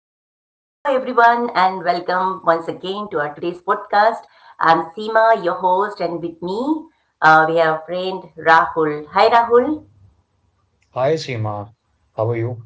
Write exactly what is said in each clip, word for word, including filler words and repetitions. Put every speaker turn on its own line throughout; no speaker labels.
everyone, and welcome once again to our today's podcast. I'm Seema, your host, and with me, uh, we have friend Rahul. Hi, Rahul.
Hi Seema, how are you?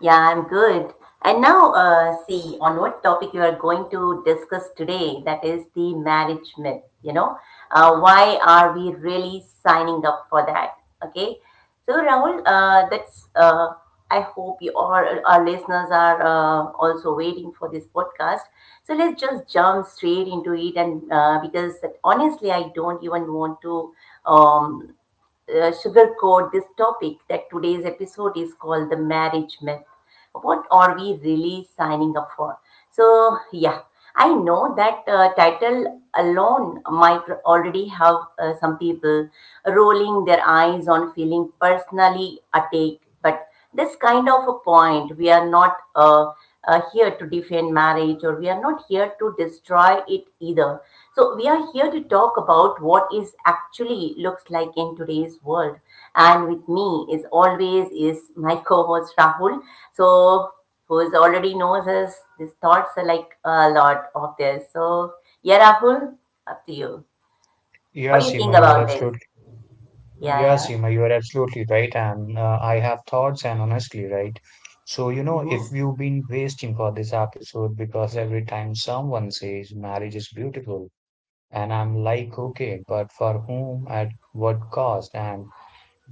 Yeah, I'm good. And now, uh, see, on what topic you are going to discuss today, that is the marriage myth, you know, uh, why are we really signing up for that? Okay. So, Rahul, uh, that's, uh, I hope you all, our listeners are uh, also waiting for this podcast. So, let's just jump straight into it. And uh, because honestly, I don't even want to. Um, uh, Sugarcoat this topic that today's episode is called the marriage myth. What are we really signing up for? So, yeah, I know that uh, title alone might already have uh, some people rolling their eyes on feeling personally attacked, but this kind of a point we are not. Uh, uh, Here to defend marriage or we are not here to destroy it either. So we are here to talk about what is actually looks like in today's world. And with me is always is my co-host Rahul. So who is already knows us, his thoughts are like a lot of this. So yeah, Rahul, up to you.
Yeah,
What do you think
Seema, you are
about this?
absolutely
Yeah,
yeah,
yeah.
Seema, you are absolutely right, and uh, I have thoughts, and honestly, right. So you know,
Mm-hmm.
if you've been waiting for this episode because every time someone says marriage is beautiful, and I'm like, okay, but for whom, at what cost? And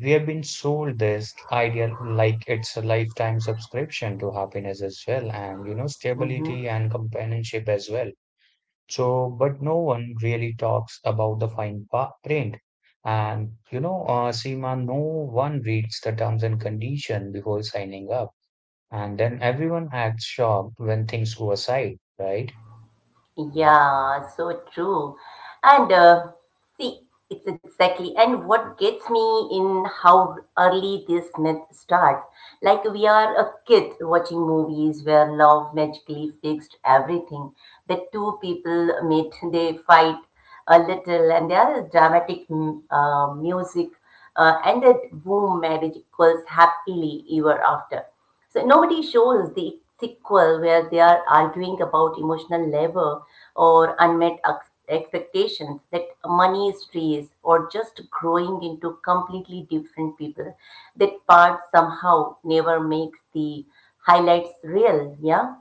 we have been sold this idea like it's a lifetime subscription to happiness as well, and you know, stability
Mm-hmm.
and companionship as well. So, but no one really talks about the fine pa- print. And you know, uh, Seema, no one reads the terms and condition before signing up. And then everyone acts shocked when things go aside, right?
Yeah, so true. And uh, see, it's exactly. And what gets me in how early this myth starts. Like we are a kid watching movies where love magically fixed everything. The two people meet, they fight a little, and there is dramatic mm, uh, music, uh, and that boom, marriage equals happily ever after. So nobody shows the sequel where they are arguing about emotional labor or unmet ex- expectations that money is trees or just growing into completely different people. That part somehow never makes the highlights real. Yeah.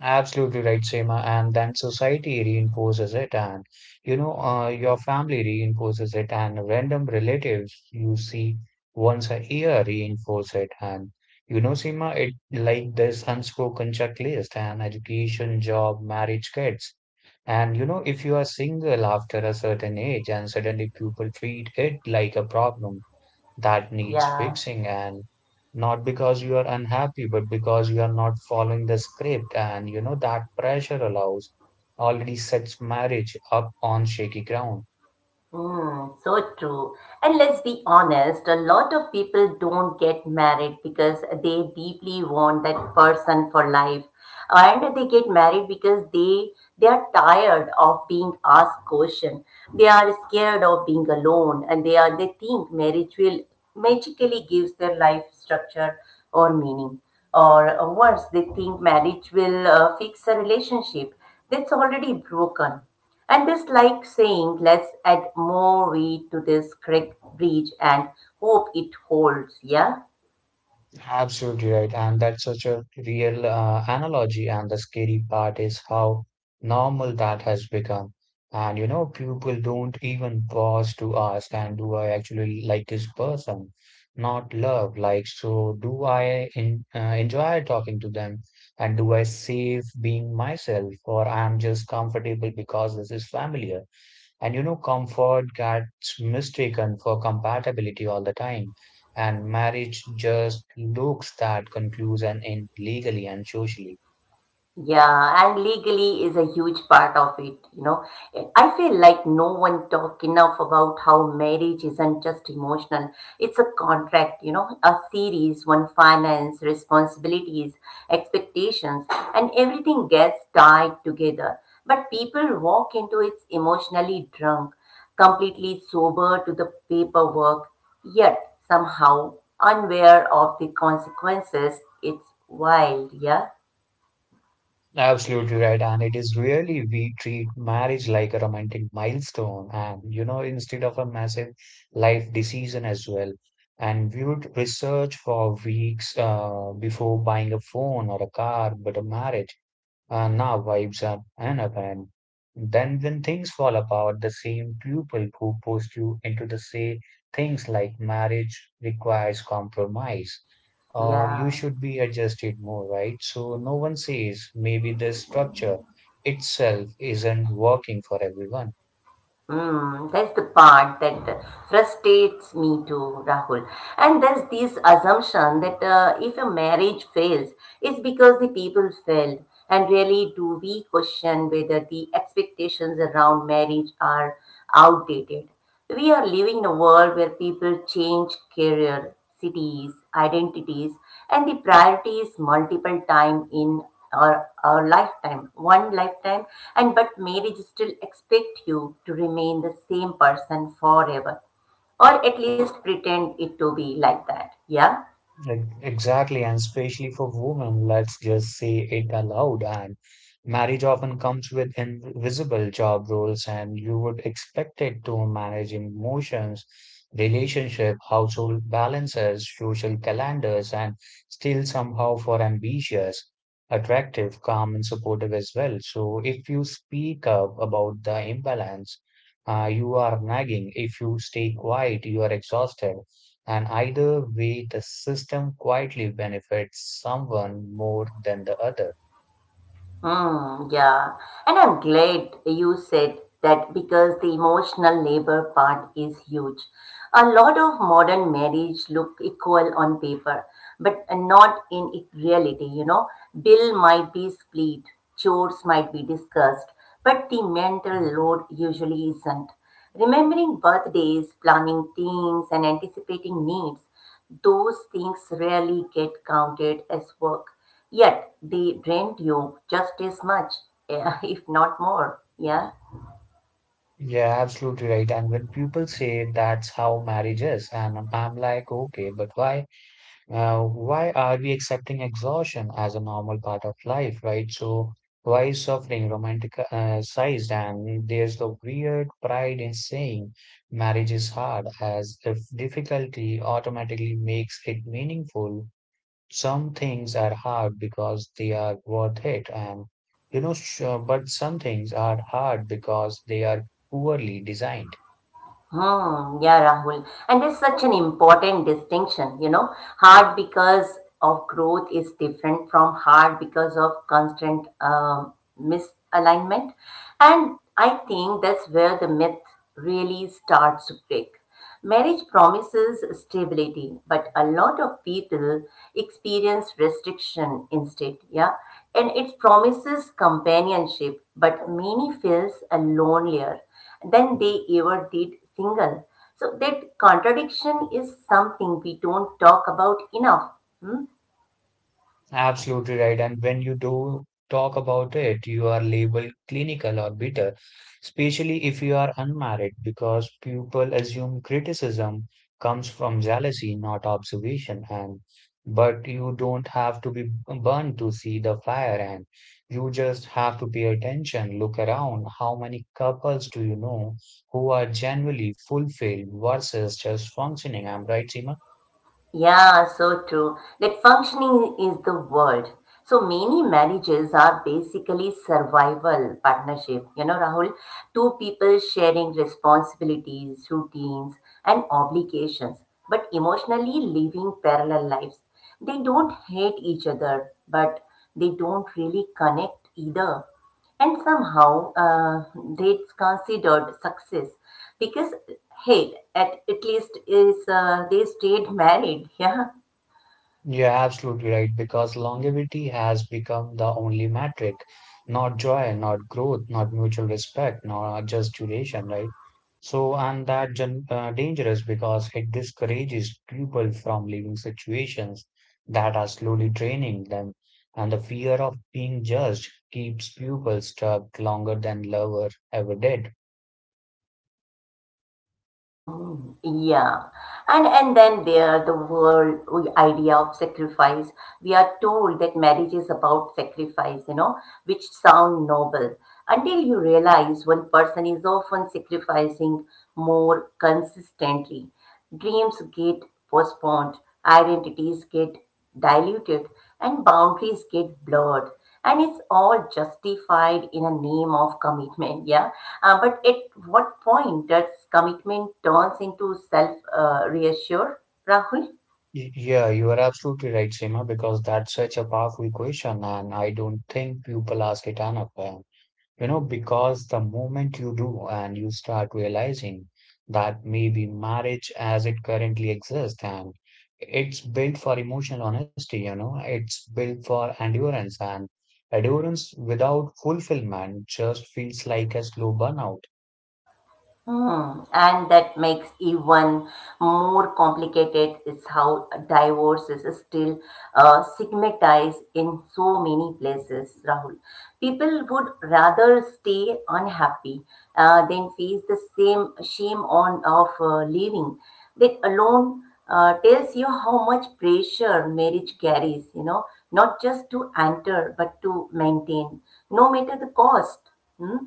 Absolutely right, Seema. And then society reinforces it, and you know, uh, your family reinforces it, and random relatives you see once a year reinforce it. And you know, Seema, it like this unspoken checklist and education, job, marriage, kids. And you know, if you are single after a certain age and suddenly people treat it like a problem that needs
Yeah.
fixing, and not because you are unhappy but because you are not following the script. And you know that pressure allows already sets marriage up on shaky ground.
Mm, so true. And let's be honest, a lot of people don't get married because they deeply want that person for life. And they get married because they they are tired of being asked question. They are scared of being alone and they are they think marriage will magically gives their life structure or meaning. Or worse, they think marriage will uh, fix a relationship that's already broken. And this like saying, let's add more weight to this creek bridge and hope it holds, yeah?
Absolutely right, and that's such a real uh, analogy. And the scary part is how normal that has become. And you know, people don't even pause to ask, and do I actually like this person? Not love, like, so do I in, uh, enjoy talking to them? And do I save being myself, or I'm just comfortable because this is familiar? And you know, comfort gets mistaken for compatibility all the time. And marriage just looks that conclusion in legally and socially.
Yeah, and legally is a huge part of it, you know. I feel like no one talk enough about how marriage isn't just emotional. It's a contract, you know, a series, one finance, responsibilities, expectations, and everything gets tied together. But people walk into it emotionally drunk, completely sober to the paperwork, yet somehow unaware of the consequences. It's wild, yeah?
Absolutely right. And it is really we treat marriage like a romantic milestone and, you know, instead of a massive life decision as well. And we would research for weeks uh, before buying a phone or a car, but a marriage and our vibes are unabated. Then, when things fall apart, the same people who pushed you into the say things like marriage requires compromise or you
Yeah.
should be adjusted more, right? So, no one says maybe this structure itself isn't working for everyone.
Mm, that's the part that frustrates me too, Rahul. And there's this assumption that uh, if a marriage fails, it's because the people failed. And really, do we question whether the expectations around marriage are outdated? We are living in a world where people change career, cities, identities, and the priorities multiple times in our, our lifetime, one lifetime, and but marriage still expect you to remain the same person forever, or at least pretend it to be like that. Yeah.
Ex- Exactly, and especially for women, let's just say it aloud. And marriage often comes with invisible job roles, and you would expect it to manage emotions, relationship, household balances, social calendars, and still somehow for ambitious, attractive, calm, and supportive as well. So if you speak up about the imbalance, uh, you are nagging. If you stay quiet, you are exhausted. And either way, the system quietly benefits someone more than the other.
Hmm. Yeah. And I'm glad you said that because the emotional labor part is huge. A lot of modern marriage look equal on paper, but not in it- reality, you know. Bill might be split, chores might be discussed, but the mental load usually isn't. Remembering birthdays, planning things, and anticipating needs those things rarely get counted as work, yet they drain you just as much, yeah, if not more. Yeah.
Yeah, absolutely right. And when people say that's how marriage is, and I'm I'm like, okay, but why, uh, why are we accepting exhaustion as a normal part of life, right? So why is suffering romanticized? And there's the weird pride in saying marriage is hard, as if difficulty automatically makes it meaningful. Some things are hard because they are worth it, and you know, sure, but some things are hard because they are poorly designed.
Hmm, yeah, Rahul. And it's such an important distinction, you know. Hard because of growth is different from hard because of constant um, misalignment. And I think that's where the myth really starts to break. Marriage promises stability, but a lot of people experience restriction instead, yeah? And it promises companionship, but many feels a lonelier than they ever did single. So that contradiction is something we don't talk about enough. Hmm?
Absolutely right. And when you do talk about it, you are labeled clinical or bitter, especially if you are unmarried, because people assume criticism comes from jealousy, not observation. And but you don't have to be burned to see the fire, and you just have to pay attention, look around. How many couples do you know who are genuinely fulfilled versus just functioning? I'm right, Seema?
Yeah, so true. That functioning is the word. So many marriages are basically survival partnership. You know, Rahul, two people sharing responsibilities, routines, and obligations, but emotionally living parallel lives. They don't hate each other, but they don't really connect either. And somehow uh, that's considered success because hey, at, at least is uh, they stayed married, yeah.
You're absolutely right, because longevity has become the only metric, not joy, not growth, not mutual respect, not just duration, right? So, and that gen uh, dangerous because it discourages people from leaving situations that are slowly draining them, and the fear of being judged keeps people stuck longer than love ever did.
Mm, yeah. And and then there the world we- idea of sacrifice. We are told that marriage is about sacrifice, you know, which sound noble until you realize one person is often sacrificing more consistently. Dreams get postponed, identities get diluted, and boundaries get blurred. And it's all justified in a name of commitment, yeah. Uh, but at what point does commitment turns into self uh, reassure, Rahul?
Y- Yeah, you are absolutely right, Seema, because that's such a powerful question, and I don't think people ask it enough. uh, You know, because the moment you do and you start realizing that maybe marriage as it currently exists and it's built for emotional honesty, you know, it's built for endurance and endurance without fulfillment just feels like a slow burnout.
Hmm. And that makes even more complicated is how divorce is still uh, stigmatized in so many places, Rahul. People would rather stay unhappy uh, than face the same shame on of uh, leaving. That alone uh, tells you how much pressure marriage carries, you know, not just to enter but to maintain, no matter the cost. Hmm?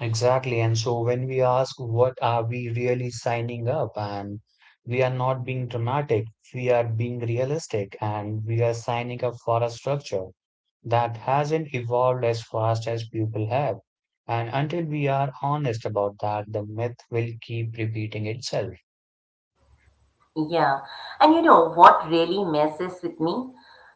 Exactly. And so when we ask what are we really signing up, and we are not being dramatic, we are being realistic, and we are signing up for a structure that hasn't evolved as fast as people have. And until we are honest about that, the myth will keep repeating itself.
Yeah. And you know what really messes with me?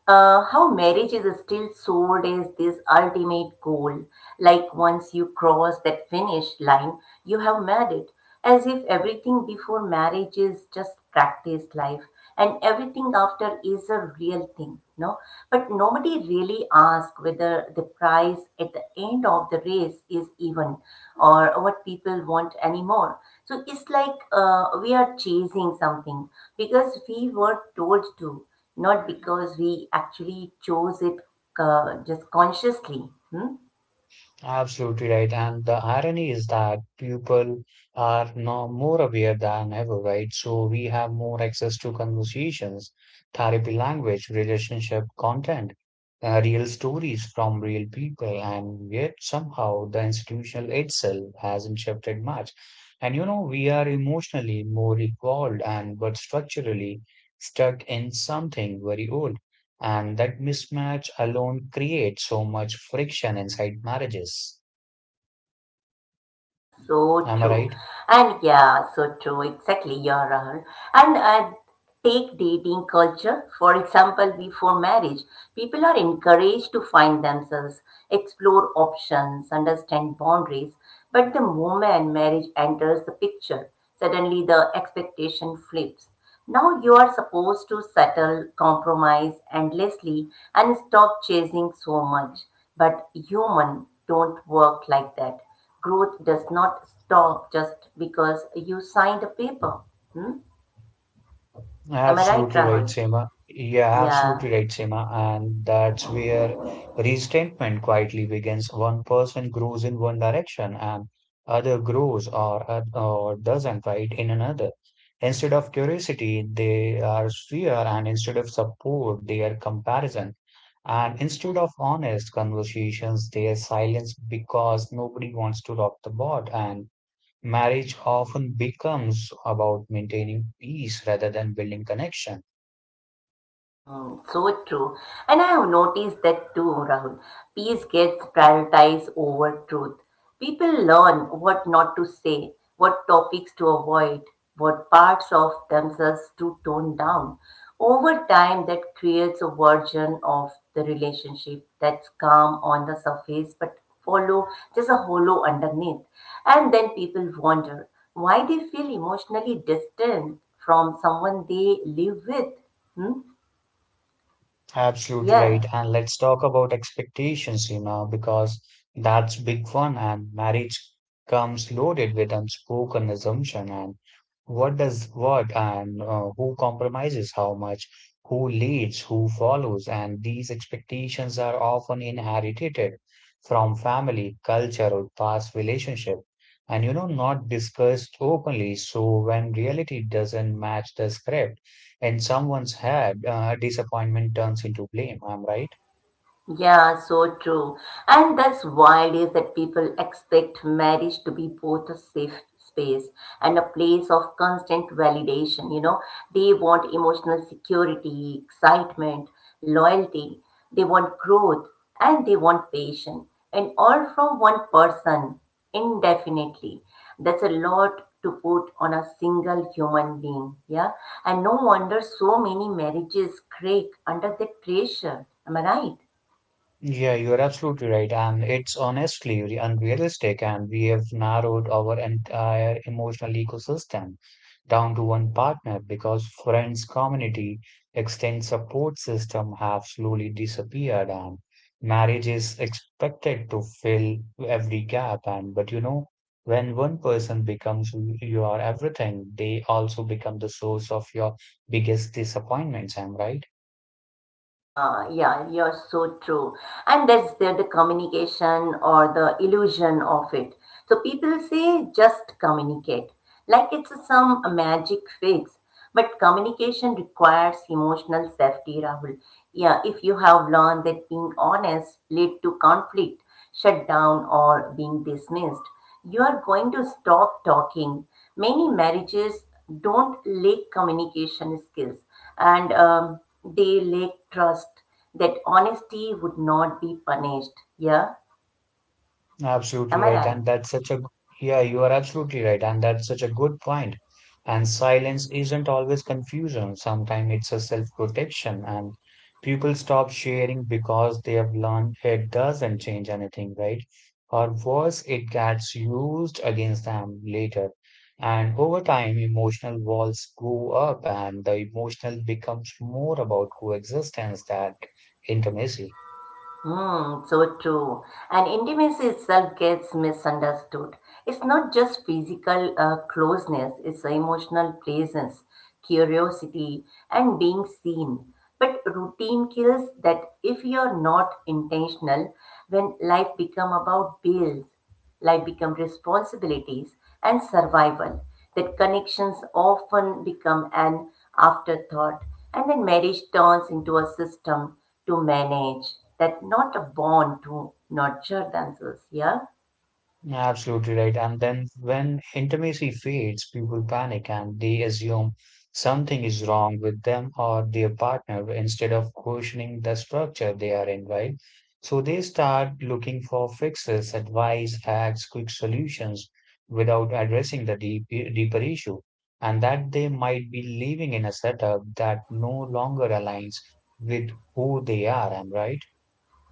Uh, how marriage is still sold as this ultimate goal. Like once you cross that finish line, you have made it. As if everything before marriage is just practice life and everything after is a real thing no but nobody really asks whether the price at the end of the race is even or what people want anymore so it's like uh, we are chasing something because we were told to not because we actually chose it uh, just consciously hmm?
Absolutely right. And the irony is that people are now more aware than ever, right? So we have more access to conversations, therapy language, relationship content, uh, real stories from real people, and yet somehow the institution itself hasn't shifted much. And you know, we are emotionally more evolved and but structurally stuck in something very old. And that mismatch alone creates so much friction inside marriages.
So
Am I
true.
right?
And yeah, so true. Exactly, yeah, Rahul. And uh, take dating culture. For example, before marriage, people are encouraged to find themselves, explore options, understand boundaries. But the moment marriage enters the picture, suddenly the expectation flips. Now you are supposed to settle, compromise endlessly, and stop chasing so much. But human don't work like that. Growth does not stop just because you signed a paper. Hmm? Am I right,
Absolutely right,
Rahul?
Seema. Yeah,
Yeah.
absolutely right, Seema. And that's where resentment quietly begins. One person grows in one direction and other grows or oth- or doesn't, right, in another. Instead of curiosity, they are fear, and instead of support, they are comparison. And instead of honest conversations, they are silence because nobody wants to rock the boat. And marriage often becomes about maintaining peace rather than building connection.
Hmm, so true. And I have noticed that too, Rahul. Peace gets prioritized over truth. People learn what not to say, what topics to avoid, what parts of themselves to tone down. Over time, that creates a version of the relationship that's calm on the surface but follow just a hollow underneath. And then people wonder why they feel emotionally distant from someone they live with. Hmm?
Absolutely right.
Yeah.
And let's talk about expectations, you know, because that's big one and marriage comes loaded with unspoken assumption and what does what and uh, who compromises how much, who leads, who follows, and these expectations are often inherited from family, culture, or past relationship, and you know, not discussed openly. So when reality doesn't match the script in someone's head, uh, disappointment turns into blame. I'm right.
Yeah, so true. And that's wild is that people expect marriage to be both a safe space and a place of constant validation, you know. They want emotional security, excitement, loyalty, they want growth, and they want patience, and all from one person indefinitely. That's a lot to put on a single human being, yeah. And no wonder so many marriages crack under that pressure. Am I right?
Yeah, you're absolutely right. And it's honestly re- unrealistic, and we have narrowed our entire emotional ecosystem down to one partner because friends, community, extended support system have slowly disappeared, and marriage is expected to fill every gap. And but you know, when one person becomes who you are everything, they also become the source of your biggest disappointments. Am I right?
Yeah, yeah, you're so true. And that's the, the communication or the illusion of it. So people say just communicate, like it's some magic fix. But communication requires emotional safety, Rahul. Yeah, if you have learned that being honest lead to conflict, shut down or being dismissed. You are going to stop talking. Many marriages don't lack communication skills and um, they lack trust that honesty would not be punished. Yeah,
Absolutely
am I
right.
right?
And that's such a, yeah, you are absolutely right. And that's such a good point. And silence isn't always confusion. Sometimes it's a self-protection, and people stop sharing because they have learned it doesn't change anything, right? Or worse, it gets used against them later. And over time, emotional walls go up, and the emotional becomes more about coexistence than intimacy.
Hmm, so true. And intimacy itself gets misunderstood. It's not just physical uh, closeness, it's emotional presence, curiosity, and being seen. But routine kills that if you're not intentional, when life become about bills, life become responsibilities and survival. That connections often become an afterthought, and then marriage turns into a system to manage that, not a bond to nurture themselves. Yeah.
Absolutely right. And then when intimacy fades, people panic and they assume something is wrong with them or their partner instead of questioning the structure they are in, right? So they start looking for fixes, advice, hacks, quick solutions without addressing the deep, deeper issue. And that they might be living in a setup that no longer aligns with who they are, am I right?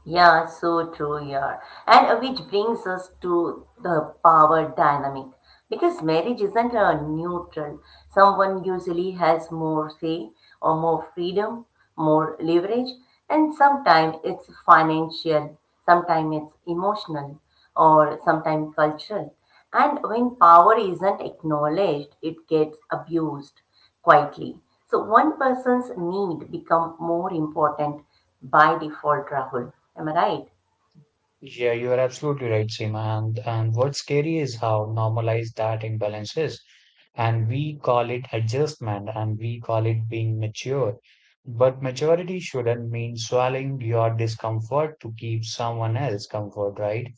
Yeah, so true, yeah. And uh, which brings us to the power dynamic. Because marriage isn't a neutral. Someone usually has more say or more freedom, more leverage, and sometimes it's financial, sometimes it's emotional, or sometimes cultural. And when power isn't acknowledged, it gets abused quietly. So one person's need become more important by default, Rahul. Am I right?
Yeah, you are absolutely right, Seema. And, and what's scary is how normalized that imbalance is. And we call it adjustment and we call it being mature. But maturity shouldn't mean swallowing your discomfort to keep someone else comfort, right?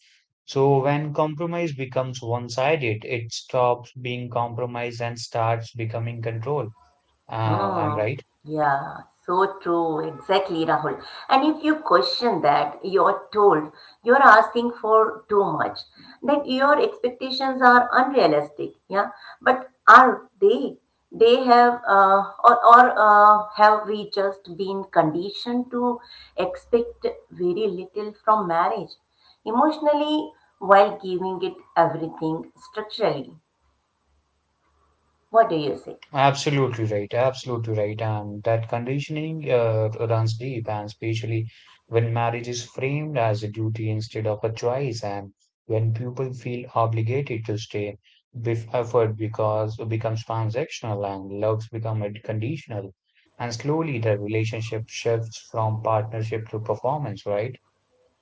So when compromise becomes one-sided, it stops being compromise and starts becoming control. Uh, I'm
Mm,
right.
yeah, so true. Exactly, Rahul. And if you question that, you're told you're asking for too much, that your expectations are unrealistic. Yeah, but are they? They have, uh, or, or uh, Have we just been conditioned to expect very little from marriage emotionally while giving it everything structurally? What do you say?
Absolutely right. Absolutely right. And that conditioning uh, runs deep, and especially when marriage is framed as a duty instead of a choice, and when people feel obligated to stay, bef effort because it becomes transactional and loves become it conditional, and slowly the relationship shifts from partnership to performance, right?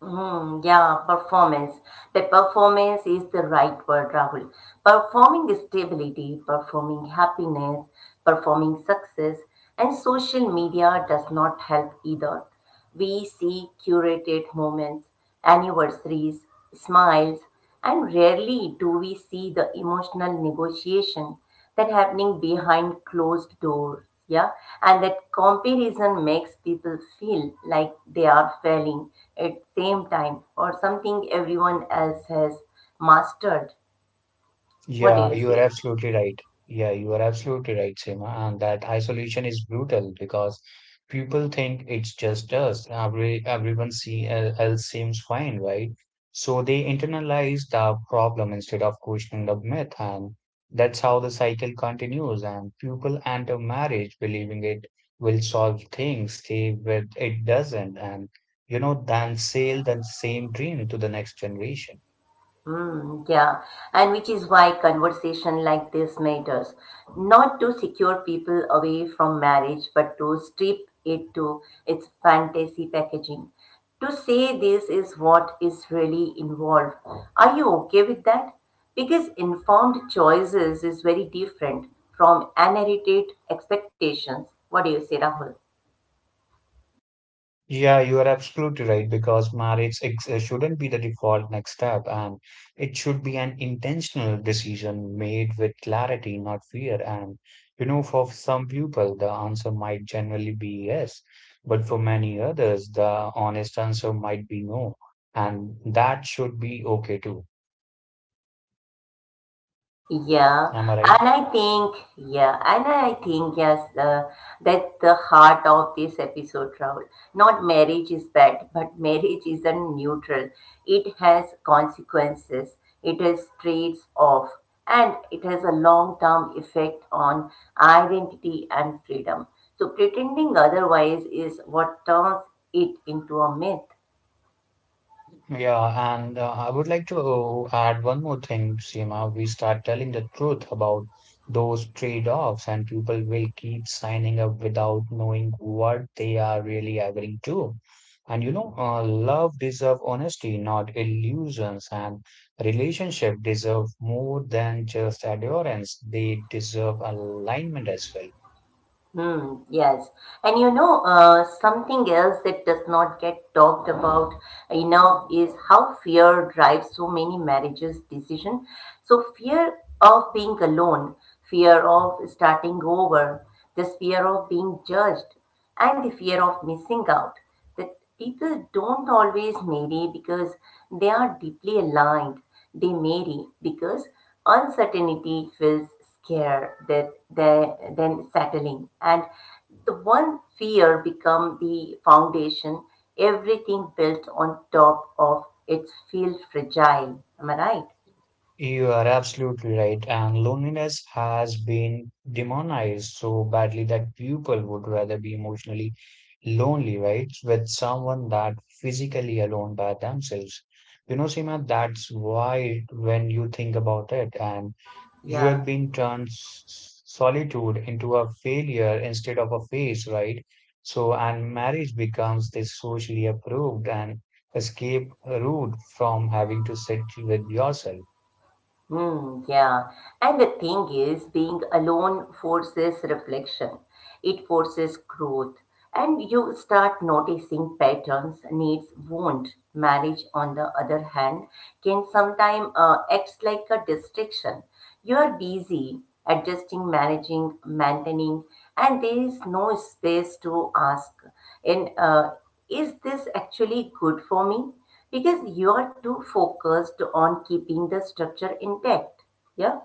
Mm, yeah, performance. The performance is the right word, Rahul. Performing stability, performing happiness, performing success, and social media does not help either. We see curated moments, anniversaries, smiles, and rarely do we see the emotional negotiation that happening behind closed doors yeah and that comparison makes people feel like they are failing at same time or something everyone else has mastered what do
Yeah,
you
you are
say
absolutely right. Yeah, you are absolutely right, Seema. And that isolation is brutal because people think it's just us. Every everyone see el- else seems fine, right? So they internalize the problem instead of questioning the myth, and that's how the cycle continues. And people enter marriage believing it will solve things, stay with it doesn't, and you know, then sell the same dream to the next generation.
Mm, yeah, and which is why conversation like this matters. Not to secure people away from marriage, but to strip it to its fantasy packaging. To say this is what is really involved. Are you okay with that? Because informed choices is very different from unedited expectations. What do you say, Rahul?
Yeah, you are absolutely right because marriage ex- uh, shouldn't be the default next step, and it should be an intentional decision made with clarity, not fear. And you know, for some people, the answer might generally be yes, but for many others, the honest answer might be no, and that should be okay too.
Yeah,
Am I right?
and I think, yeah, and I think, yes, uh, that's the heart of this episode, Rahul. Not marriage is bad, but marriage isn't neutral. It has consequences, it has trades off, and it has a long term effect on identity and freedom. So pretending otherwise is what turns it into a myth.
Yeah, and uh, I would like to add one more thing, Seema. We start telling the truth about those trade-offs, and people will keep signing up without knowing what they are really agreeing to. And you know, uh, love deserve honesty, not illusions, and relationship deserve more than just adherence. They deserve alignment as well.
Hmm, yes. And you know, uh, something else that does not get talked about enough is how fear drives so many marriages decision. So fear of being alone, fear of starting over, this fear of being judged, and the fear of missing out, people don't always marry because they are deeply aligned. They marry because uncertainty feels scarier that they, than settling, and the one fear become the foundation. Everything built on top of it feel fragile. Am I right?
You are absolutely right. And loneliness has been demonized so badly that people would rather be emotionally lonely, right? With someone that physically alone by themselves. You know, Seema, that's why when you think about it, and you have
Yeah.
been turned s- solitude into a failure instead of a phase, right? So, and marriage becomes this socially approved and escape route from having to sit with yourself.
Hmm, yeah. And the thing is, being alone forces reflection. It forces growth. And you start noticing patterns, needs, won't. Marriage, on the other hand, can sometimes uh, act like a distraction. You are busy adjusting, managing, maintaining, and there is no space to ask and uh, is this actually good for me? Because you are too focused on keeping the structure intact. Yeah.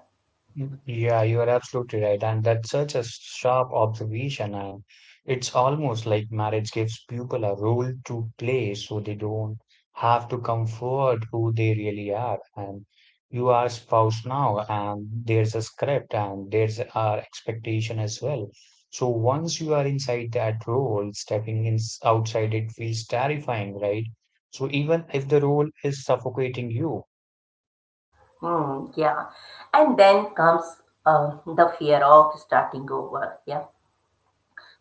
Yeah, you are absolutely right. And that's such a sharp observation. And it's almost like marriage gives people a role to play so they don't have to come forward who they really are. And you are spouse now, and there's a script and there's our expectation as well. So once you are inside that role, stepping in outside it feels terrifying, right? So even if the role is suffocating you.
Hmm, yeah. And then comes uh, the fear of starting over. Yeah.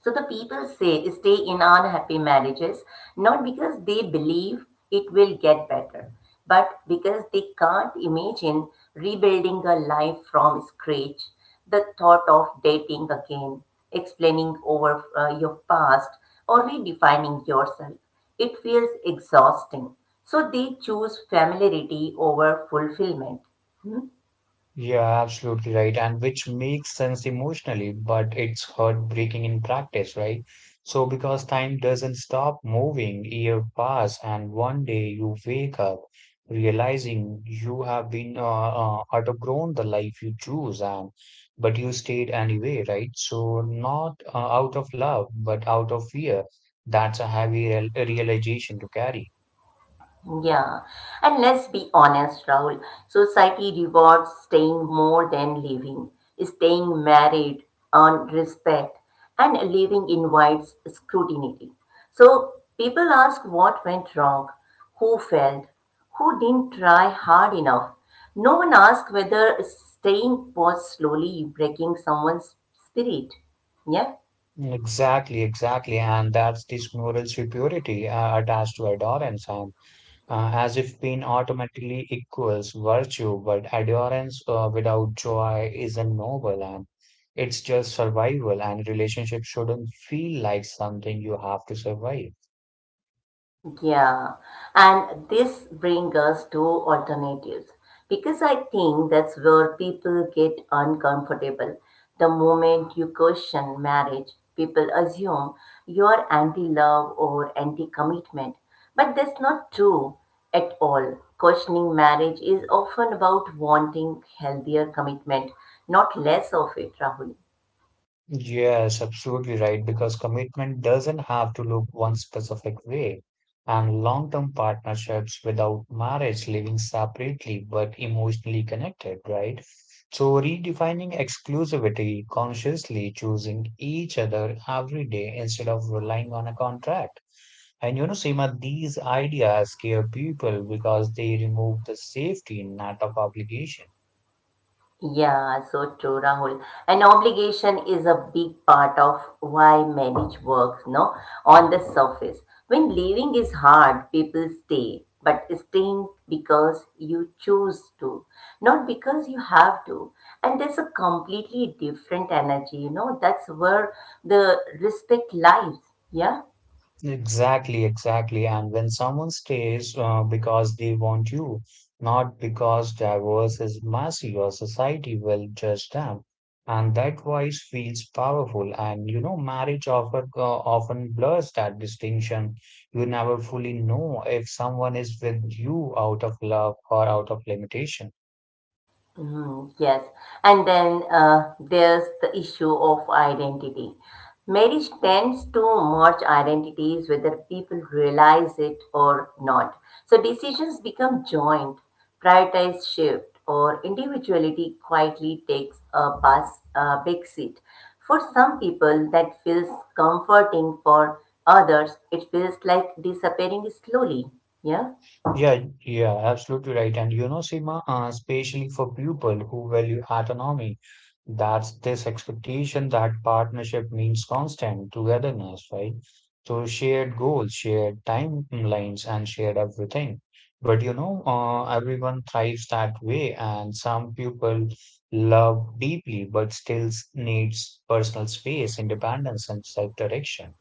So the people say stay in unhappy marriages not because they believe it will get better, but because they can't imagine rebuilding a life from scratch. The thought of dating again, explaining over uh, your past, or redefining yourself, it feels exhausting. So they choose familiarity over fulfillment. Hmm?
Yeah, absolutely right. And which makes sense emotionally, but it's heartbreaking in practice, right? So, because time doesn't stop moving, year pass, and one day you wake up realizing you have been uh, uh, outgrown the life you choose, and but you stayed anyway, right? So, not uh, out of love, but out of fear. That's a heavy real realization to carry.
Yeah, and let's be honest, Rahul. Society rewards staying more than living, staying married, earn respect, and living invites scrutiny. So people ask what went wrong, who failed, who didn't try hard enough. No one asks whether staying was slowly breaking someone's spirit. Yeah.
Exactly, exactly. And that's this moral superiority uh, attached to adherence, and uh, as if pain automatically equals virtue, but adherence uh, without joy isn't noble and it's just survival, and relationship shouldn't feel like something you have to survive.
Yeah, and this brings us to alternatives because I think that's where people get uncomfortable. The moment you question marriage, people assume you're anti-love or anti-commitment, but that's not true at all. Questioning marriage is often about wanting healthier commitment, not less of it, Rahul.
Yes, absolutely right, because commitment doesn't have to look one specific way. And long-term partnerships without marriage living separately but emotionally connected, right? So redefining exclusivity, consciously choosing each other every day instead of relying on a contract. And you know, Seema, these ideas scare people because they remove the safety net of obligation.
Yeah, so true, Rahul. And obligation is a big part of why marriage works, no? On the surface. When leaving is hard, people stay, but staying because you choose to, not because you have to. And there's a completely different energy, you know? That's where the respect lies. Yeah?
Exactly, exactly. And when someone stays uh, because they want you, not because divorce is messy or society will judge them. And that voice feels powerful. And you know, marriage offer, uh, often blurs that distinction. You never fully know if someone is with you out of love or out of limitation.
Mhm. Yes, and then uh, there's the issue of identity. Marriage tends to merge identities whether people realize it or not. So decisions become joint, prioritize shift, or individuality quietly takes a bus, a big seat. For some people, that feels comforting. For others, it feels like disappearing slowly. Yeah.
Yeah, yeah, absolutely right. And you know, Seema, uh, especially for people who value autonomy, that's this expectation that partnership means constant togetherness, right? So shared goals, shared timelines, and shared everything. But you know, uh, everyone thrives that way, and some people love deeply, but still s- needs personal space, independence, and self-direction.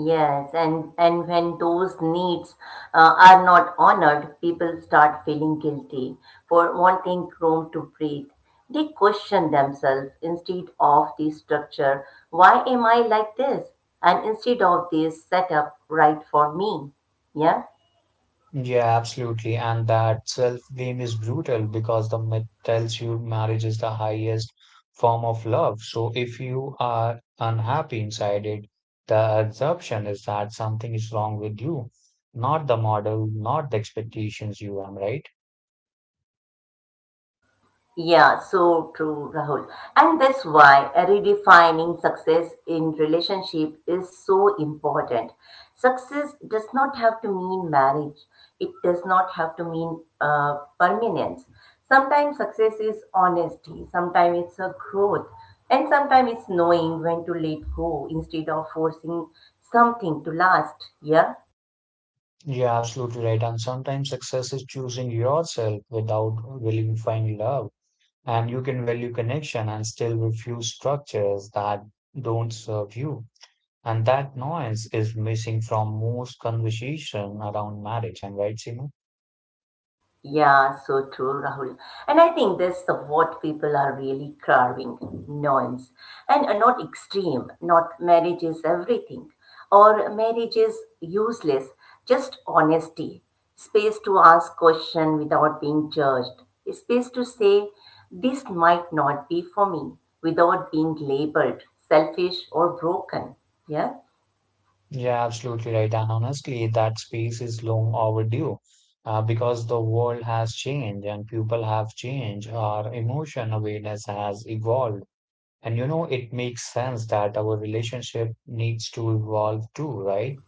Yes, and, and when those needs uh, are not honored, people start feeling guilty for wanting room to breathe. They question themselves instead of the structure. Why am I like this? And instead of this setup right for me. Yeah?
Yeah, absolutely. And that self-blame is brutal because the myth tells you marriage is the highest form of love. So if you are unhappy inside it, the assumption is that something is wrong with you, not the model, not the expectations you am, right?
Yeah, so true, Rahul. And that's why redefining success in relationship is so important. Success does not have to mean marriage. It does not have to mean uh, permanence. Sometimes success is honesty. Sometimes it's a growth. And sometimes it's knowing when to let go instead of forcing something to last. Yeah.
Yeah, absolutely right. And sometimes success is choosing yourself without really finding love. And you can value connection and still refuse structures that don't serve you. And that noise is missing from most conversation around marriage. I'm right, Seema?
Yeah, so true, Rahul. And I think this the, what people are really carving, nuance and uh, not extreme, not marriage is everything or marriage is useless, just honesty, space to ask question without being judged, space to say this might not be for me without being labeled selfish or broken. Yeah.
Yeah, absolutely right. And honestly, that space is long overdue uh, because the world has changed and people have changed. Our emotion awareness has evolved. And you know, it makes sense that our relationship needs to evolve too, right?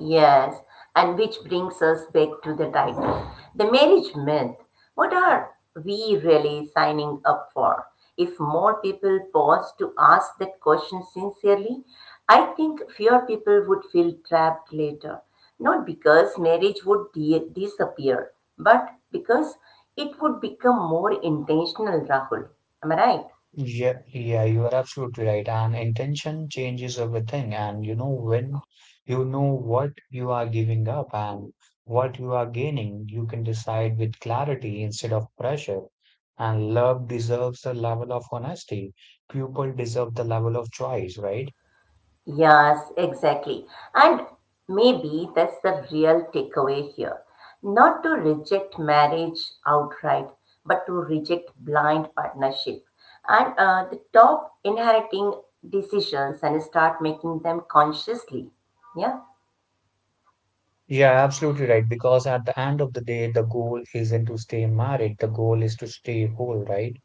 Yes, and which brings us back to the title. The marriage myth. What are we really signing up for? If more people pause to ask that question sincerely, I think fewer people would feel trapped later. Not because marriage would de- disappear, but because it would become more intentional, Rahul. Am I right?
Yeah, yeah, you are absolutely right. And intention changes everything. And you know, when you know what you are giving up and what you are gaining, you can decide with clarity instead of pressure. And love deserves the level of honesty. People deserve the level of choice, right?
Yes, exactly. And maybe that's the real takeaway here. Not to reject marriage outright, but to reject blind partnership. And uh, the top inheriting decisions and start making them consciously. Yeah.
Yeah, absolutely right. Because at the end of the day, the goal isn't to stay married, the goal is to stay whole, right?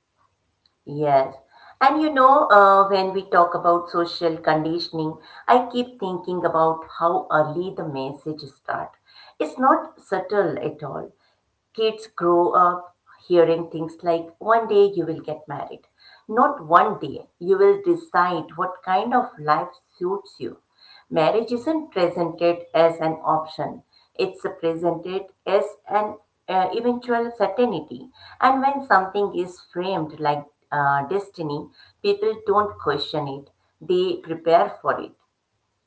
Yes. And you know, uh, when we talk about social conditioning, I keep thinking about how early the message start. It's not subtle at all. Kids grow up hearing things like, one day you will get married. Not one day, you will decide what kind of life suits you. Marriage isn't presented as an option, it's presented as an uh, eventual certainty. And when something is framed like uh, destiny, people don't question it, they prepare for it.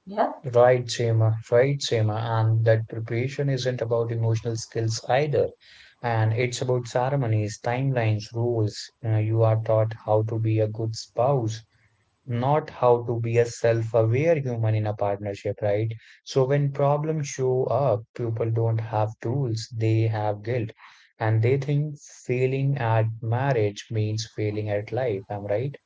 Yeah.
Right, Seema. Right, Seema. And that preparation isn't about emotional skills either. And it's about ceremonies, timelines, rules. Uh, you are taught how to be a good spouse, not how to be a self-aware human in a partnership, right? So when problems show up, people don't have tools, they have guilt. And they think failing at marriage means failing at life. Am I right?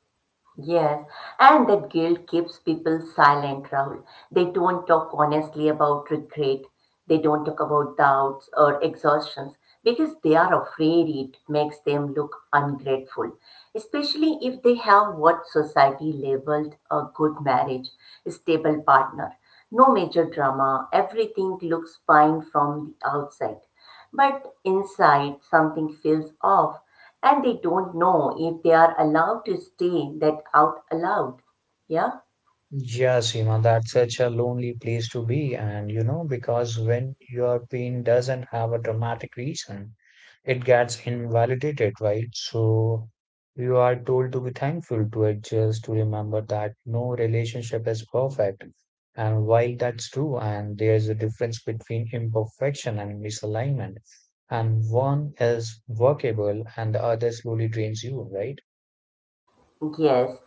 Yes, and that guilt keeps people silent, Rahul. They don't talk honestly about regret. They don't talk about doubts or exhaustions because they are afraid it makes them look ungrateful, especially if they have what society labeled a good marriage, a stable partner. No major drama, everything looks fine from the outside. But inside, something feels off, and they don't know if they are allowed to stay that out aloud. Yeah?
Yeah, Seema, that's such a lonely place to be. And you know, because when your pain doesn't have a dramatic reason, it gets invalidated, right? So you are told to be thankful, to adjust, to remember that no relationship is perfect. And while that's true, and there's a difference between imperfection and misalignment, and one is workable and the other slowly drains you, right?
Yes,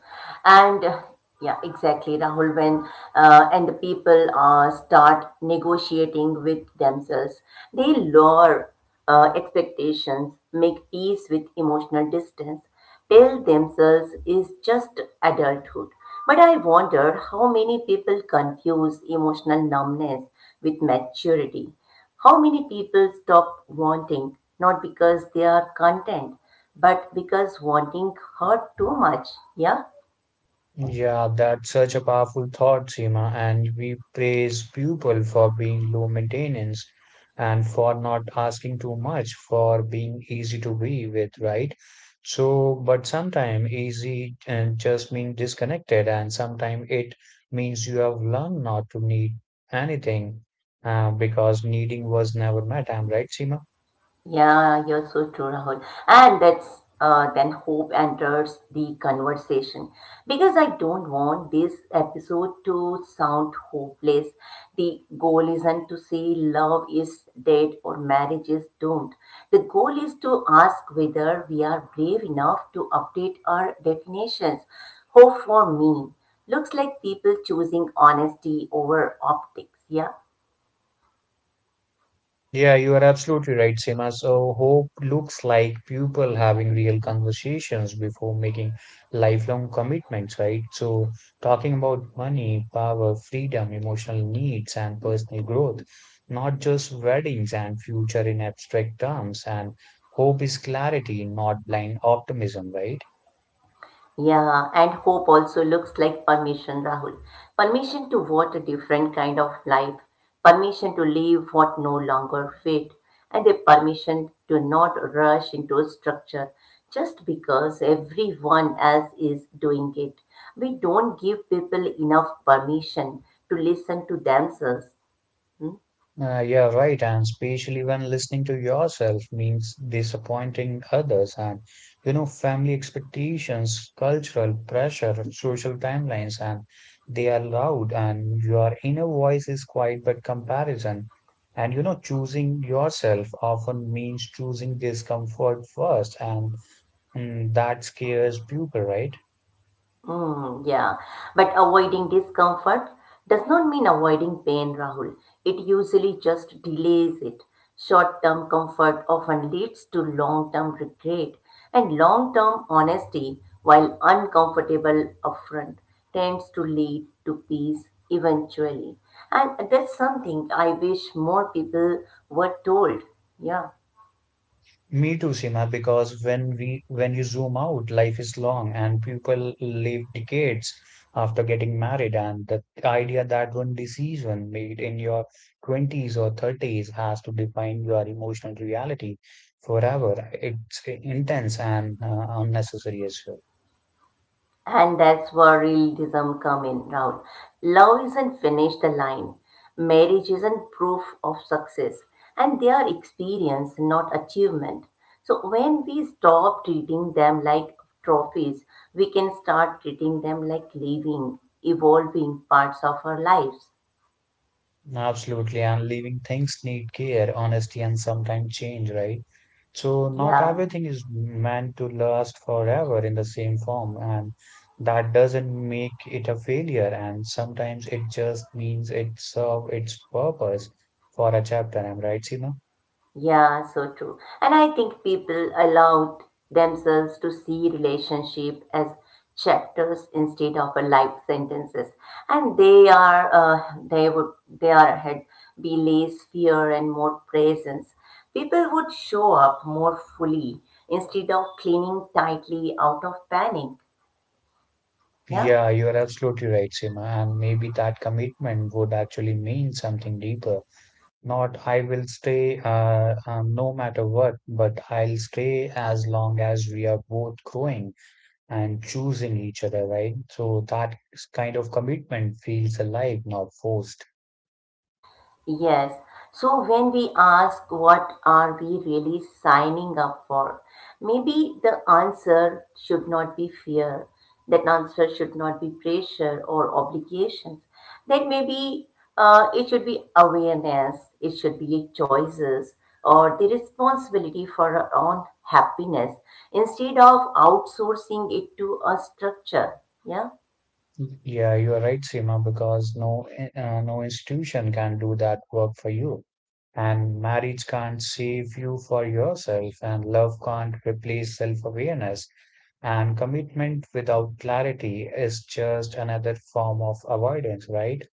and uh, yeah, exactly, Rahul. When uh, and the people uh, start negotiating with themselves, they lower uh, expectations, make peace with emotional distance, tell themselves is just adulthood. But I wonder how many people confuse emotional numbness with maturity. How many people stop wanting, not because they are content, but because wanting hurt too much. Yeah.
Yeah, that's such a powerful thought, Seema. And we praise people for being low maintenance and for not asking too much, for being easy to be with, right? So, but sometimes easy and just means disconnected, and sometimes it means you have learned not to need anything uh, because needing was never met. I'm right, Seema?
Yeah, you're so true, Rahul. And that's uh, then hope enters the conversation because I don't want this episode to sound hopeless. The goal isn't to say love is dead or marriage is doomed. The goal is to ask whether we are brave enough to update our definitions. Hope for me looks like people choosing honesty over optics. Yeah.
Yeah, you are absolutely right, Seema. So hope looks like people having real conversations before making lifelong commitments, right? So talking about money, power, freedom, emotional needs, and personal growth, not just weddings and future in abstract terms. And hope is clarity, not blind optimism, right?
Yeah, and hope also looks like permission, Rahul. Permission to what a different kind of life, permission to live what no longer fit, and a permission to not rush into a structure just because everyone else is doing it. We don't give people enough permission to listen to themselves. Hmm?
Uh, yeah, right. And especially when listening to yourself means disappointing others and, you know, family expectations, cultural pressure, social timelines, and they are loud and your inner voice is quiet but comparison. And, you know, choosing yourself often means choosing discomfort first and mm, that scares people, right?
Mm, yeah, but avoiding discomfort does not mean avoiding pain, Rahul. It usually just delays it. Short term comfort often leads to long term regret, and long term honesty, while uncomfortable upfront, tends to lead to peace eventually. And that's something I wish more people were told. Yeah.
Me too, Sima, because when we when you zoom out, life is long and people live decades after getting married, and the idea that one decision made in your twenties or thirties has to define your emotional reality forever. It's intense and uh, unnecessary as well.
And that's where realism come in, Rahul. Love isn't finish the line. Marriage isn't proof of success. And they are experience, not achievement. So when we stop treating them like trophies, we can start treating them like living, evolving parts of our lives.
Absolutely, and living things need care, honesty, and sometimes change, right? So, not
Yeah.
everything is meant to last forever in the same form, and that doesn't make it a failure. And sometimes it just means it served its purpose for a chapter. I'm right, Seema?
Yeah, so true. And I think people allowed themselves to see relationship as chapters instead of a life sentences. And they are uh, they would they are had be less fear and more presence. People would show up more fully instead of clinging tightly out of panic. Yeah.
Yeah, you're absolutely right, Seema. And maybe that commitment would actually mean something deeper. Not I will stay uh, um, no matter what, but I'll stay as long as we are both growing and choosing each other, right? So that kind of commitment feels alive, not forced.
Yes. So when we ask what are we really signing up for, maybe the answer should not be fear. That answer should not be pressure or obligations. That maybe uh, it should be awareness. It should be choices or the responsibility for our own happiness instead of outsourcing it to a structure. Yeah.
Yeah, you are right, Seema, because no uh, no institution can do that work for you. And marriage can't save you for yourself, and love can't replace self-awareness. And commitment without clarity is just another form of avoidance, right?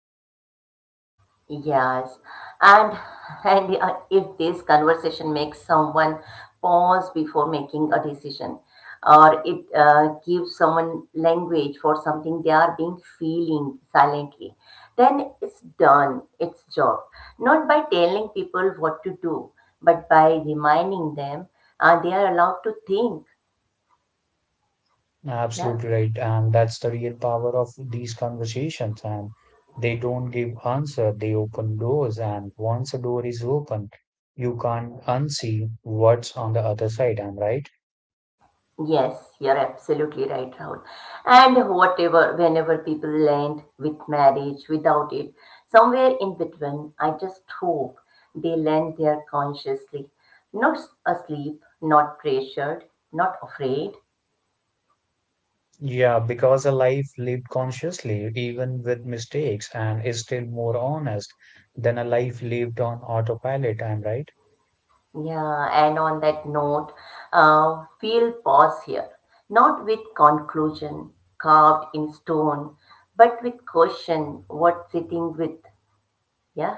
Yes, and and uh, if this conversation makes someone pause before making a decision, or it uh, gives someone language for something they are being feeling silently, then it's done its job. Not by telling people what to do, but by reminding them uh, they are allowed to think. Yeah.
Absolutely right. And that's the real power of these conversations. And they don't give answer, they open doors. And once a door is open, you can't unsee what's on the other side. I'm right.
Yes, you're absolutely right, Rahul. And whatever, whenever people land with marriage, without it, somewhere in between, I just hope they land there consciously, not s- asleep, not pressured, not afraid.
Yeah, because a life lived consciously, even with mistakes, and is still more honest than a life lived on autopilot. I'm right.
Yeah, and on that note, uh, we'll pause here, not with conclusion carved in stone, but with question, what sitting with, yeah.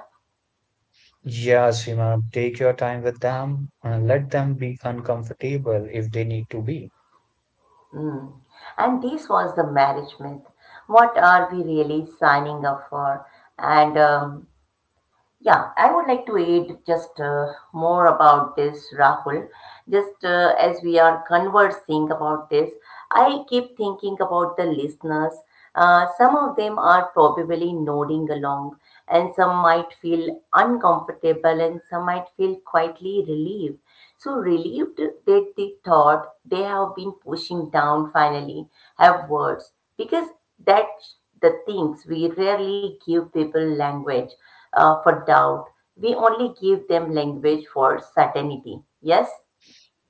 Yeah, Seema, take your time with them and let them be uncomfortable if they need to be.
Mm. And this was the marriage myth. What are we really signing up for? And um, yeah, I would like to add just uh, more about this, Rahul. Just uh, as we are conversing about this, I keep thinking about the listeners. Uh, some of them are probably nodding along, and some might feel uncomfortable, and some might feel quietly relieved. So, relieved that the thought they have been pushing down finally have words because that's the things we rarely give people language uh, for doubt. We only give them language for certainty. Yes?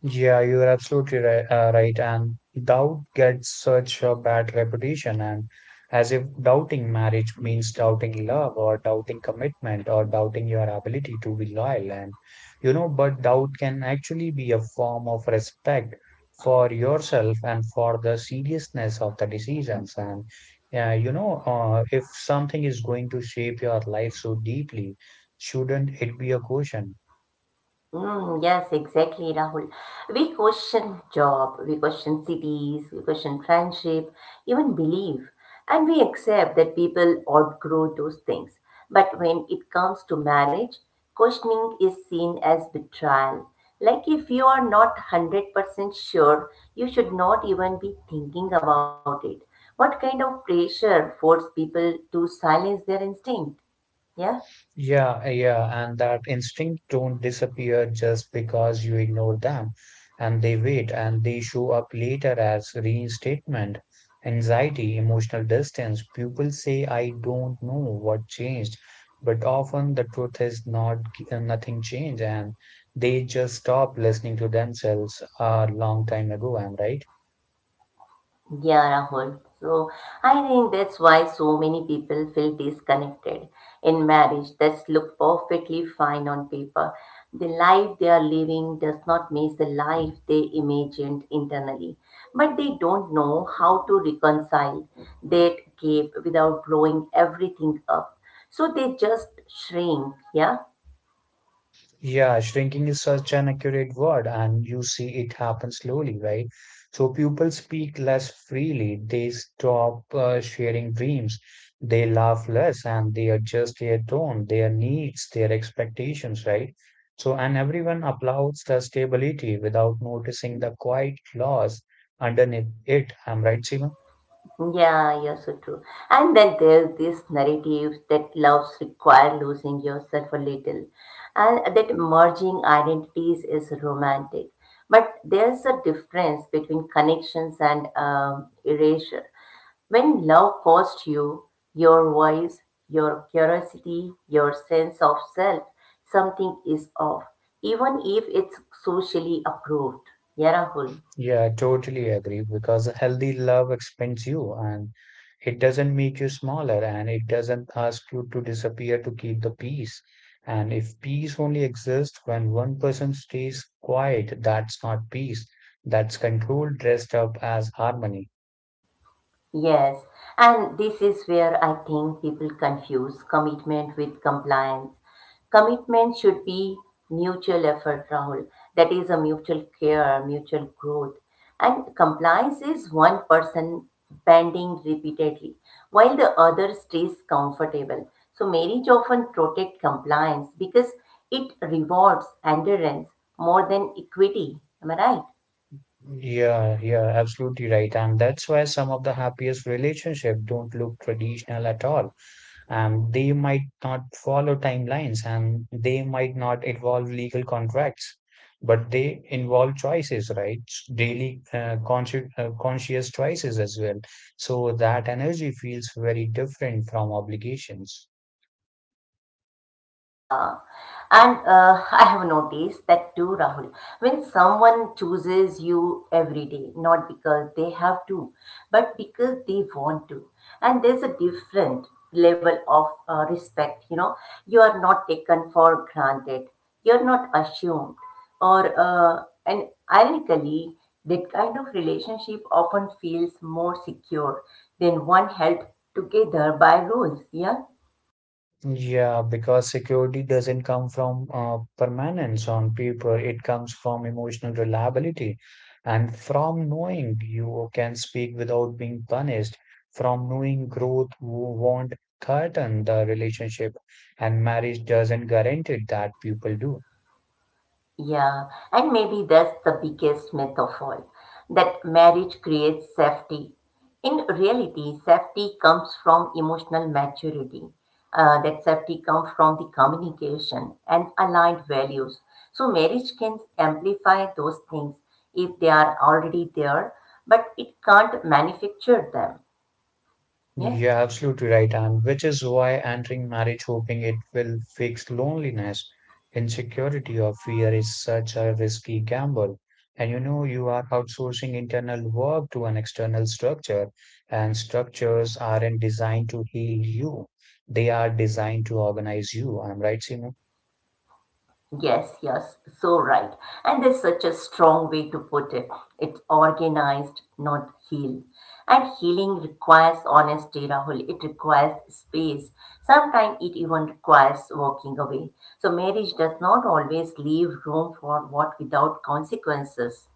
Yeah, you're absolutely right, uh, right. And doubt gets such a bad reputation, and as if doubting marriage means doubting love or doubting commitment or doubting your ability to be loyal. And you know, but doubt can actually be a form of respect for yourself and for the seriousness of the decisions. And yeah, you know, uh, if something is going to shape your life so deeply, shouldn't it be a caution?
Mm, yes, exactly, Rahul. We question job, we question cities, we question friendship, even belief, and we accept that people outgrow those things. But when it comes to marriage, questioning is seen as betrayal. Like if you are not one hundred percent sure, you should not even be thinking about it. What kind of pressure forces people to silence their instinct? Yeah?
Yeah, yeah, and that instinct don't disappear just because you ignore them, and they wait and they show up later as reinstatement, anxiety, emotional distance. People say, I don't know what changed, but often the truth is not uh, nothing changed, and they just stop listening to themselves a long time ago. I'm right.
Yeah, Rahul. So I think that's why so many people feel disconnected in marriage that's look perfectly fine on paper. The life they are living does not match the life they imagined internally, but they don't know how to reconcile that gap without blowing everything up. So they just shrink, yeah.
Yeah, shrinking is such an accurate word, and you see it happen slowly, right? So people speak less freely, they stop uh, sharing dreams, they laugh less, and they adjust their tone, their needs, their expectations, right? So, and everyone applauds the stability without noticing the quiet loss underneath it. I'm right, Seema?
Yeah, you're so true. And then there's this narrative that loves require losing yourself a little, and that merging identities is romantic. But there's a difference between connections and um, erasure. When love costs you your voice, your curiosity, your sense of self, something is off, even if it's socially approved. Yeah, Rahul.
Yeah, I totally agree because a healthy love expands you and it doesn't make you smaller and it doesn't ask you to disappear to keep the peace. And if peace only exists when one person stays quiet, that's not peace. That's control dressed up as harmony.
Yes, and this is where I think people confuse commitment with compliance. Commitment should be mutual effort, Rahul. That is a mutual care, mutual growth. And compliance is one person bending repeatedly while the other stays comfortable. So marriage often protects compliance because it rewards endurance more than equity. Am I right?
Yeah, yeah, absolutely right. And that's why some of the happiest relationships don't look traditional at all. And they might not follow timelines and they might not involve legal contracts, but they involve choices, right? Daily uh, conscious uh, conscious choices as well. So that energy feels very different from obligations.
Yeah, and uh, I have noticed that too, Rahul. When someone chooses you every day, not because they have to, but because they want to, and there's a different level of uh, respect, you know, you are not taken for granted, you're not assumed, or uh, and ironically, that kind of relationship often feels more secure than one held together by rules. Yeah.
Yeah, because security doesn't come from uh, permanence on paper, it comes from emotional reliability and from knowing you can speak without being punished, from knowing growth wo- won't threaten the relationship, and marriage doesn't guarantee that people do.
Yeah, and maybe that's the biggest myth of all that marriage creates safety. In reality, safety comes from emotional maturity. Uh, that safety comes from the communication and aligned values. So, marriage can amplify those things if they are already there, but it can't manufacture them. Yeah.
You're absolutely right, and which is why entering marriage hoping it will fix loneliness, insecurity, or fear is such a risky gamble. And you know, you are outsourcing internal work to an external structure, and structures aren't designed to heal you, they are designed to organize you. I'm right, Simon?
Yes, yes, so right. And there's such a strong way to put it. It's organized, not healed. And healing requires honesty, Rahul. It requires space. Sometimes it even requires walking away. So marriage does not always leave room for what without consequences.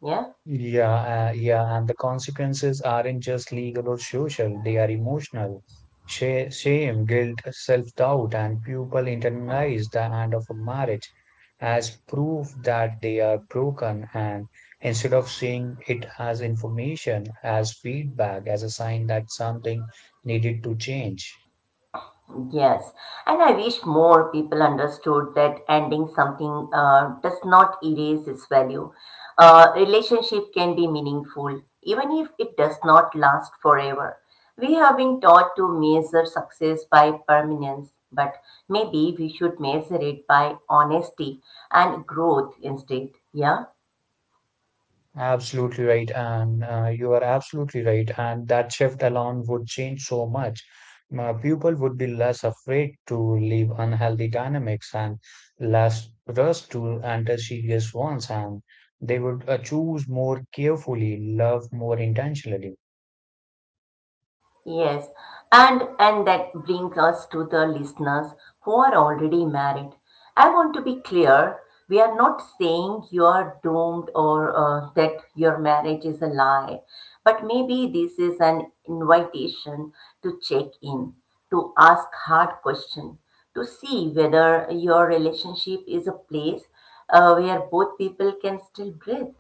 Yeah?
Yeah, uh, yeah, and the consequences aren't just legal or social, they are emotional. Sha- Shame, guilt, self-doubt, and people internalize the end of a marriage as proof that they are broken. And instead of seeing it as information, as feedback, as a sign that something needed to change.
Yes, and I wish more people understood that ending something uh, does not erase its value. Uh, relationship can be meaningful even if it does not last forever. We have been taught to measure success by permanence, but maybe we should measure it by honesty and growth instead. Yeah.
Absolutely right, and uh, you are absolutely right. And that shift alone would change so much. Uh, people would be less afraid to leave unhealthy dynamics and less rushed to enter serious ones, and they would uh, choose more carefully, love more intentionally.
Yes, and and that brings us to the listeners who are already married. I want to be clear, we are not saying you are doomed or uh, that your marriage is a lie, but maybe this is an invitation to check in, to ask hard questions, to see whether your relationship is a place uh, where both people can still breathe.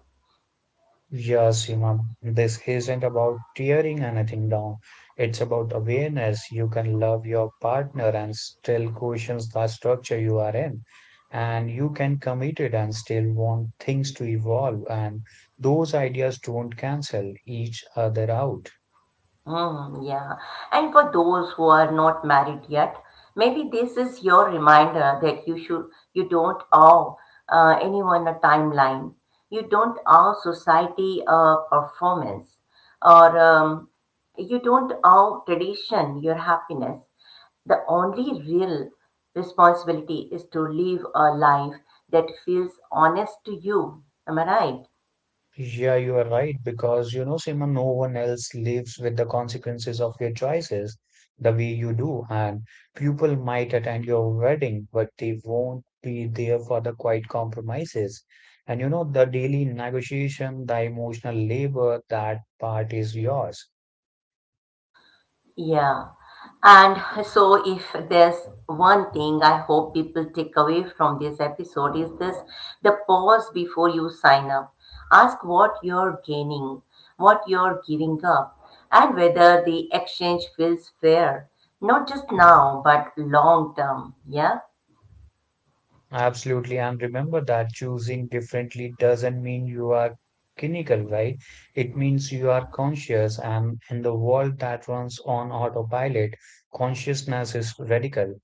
Yeah, Seema, this isn't about tearing anything down. It's about awareness. You can love your partner and still question the structure you are in. And you can commit it and still want things to evolve. And those ideas don't cancel each other out.
Hmm, yeah. And for those who are not married yet, maybe this is your reminder that you should, you don't owe uh, anyone a timeline. You don't owe society a performance, or um, you don't owe tradition your happiness. The only real responsibility is to live a life that feels honest to you. Am I right?
Yeah, you are right because you know, Seema, no one else lives with the consequences of your choices the way you do, and people might attend your wedding, but they won't be there for the quiet compromises. And you know, the daily negotiation, the emotional labor, that part is yours.
Yeah. And so, if there's one thing I hope people take away from this episode, is this the pause before you sign up. Ask what you're gaining, what you're giving up, and whether the exchange feels fair, not just now, but long term. Yeah.
Absolutely. And remember that choosing differently doesn't mean you are clinical, right? It means you are conscious. And in the world that runs on autopilot, consciousness is radical.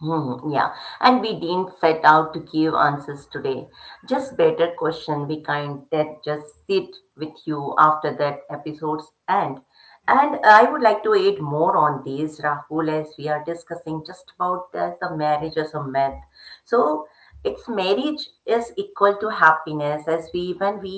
Hmm, yeah, and we didn't set out to give answers today. Just better question we kind that just sit with you after that episode's end. And I would like to add more on these, Rahul, as we are discussing just about as a marriage as a myth, so it's marriage is equal to happiness as we when we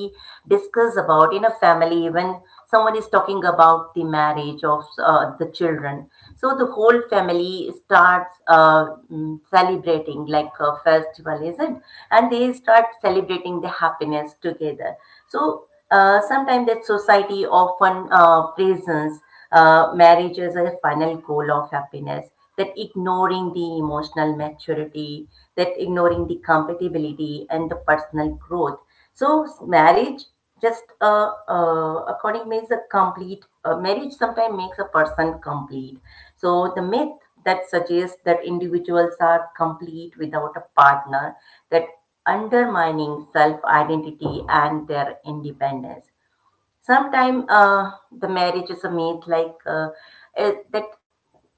discuss about in a family when someone is talking about the marriage of uh, the children, so the whole family starts uh, mm, celebrating like a festival is it, and they start celebrating the happiness together. So uh, sometimes that society often uh, presents uh, marriage as a final goal of happiness, that ignoring the emotional maturity, that ignoring the compatibility and the personal growth. So marriage just uh, uh, according means a complete uh, marriage sometimes makes a person complete. So the myth that suggests that individuals are complete without a partner, that undermining self identity and their independence. Sometimes uh, the marriage is a myth, like uh, uh, that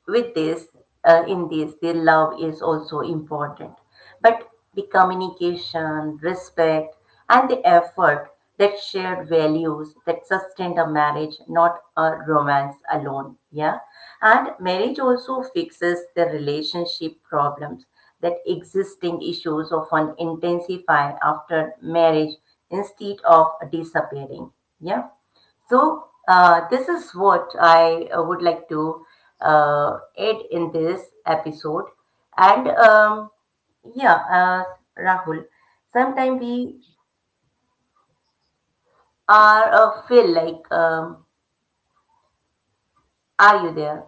with this, uh, in this, the love is also important. But the communication, respect, and the effort, that shared values that sustain a marriage, not a romance alone. Yeah. And marriage also fixes the relationship problems, that existing issues often intensify after marriage instead of disappearing. Yeah. So, uh, this is what I uh, would like to uh, add in this episode. And um, yeah, uh, Rahul, sometimes we are uh, feel like, um, are you there?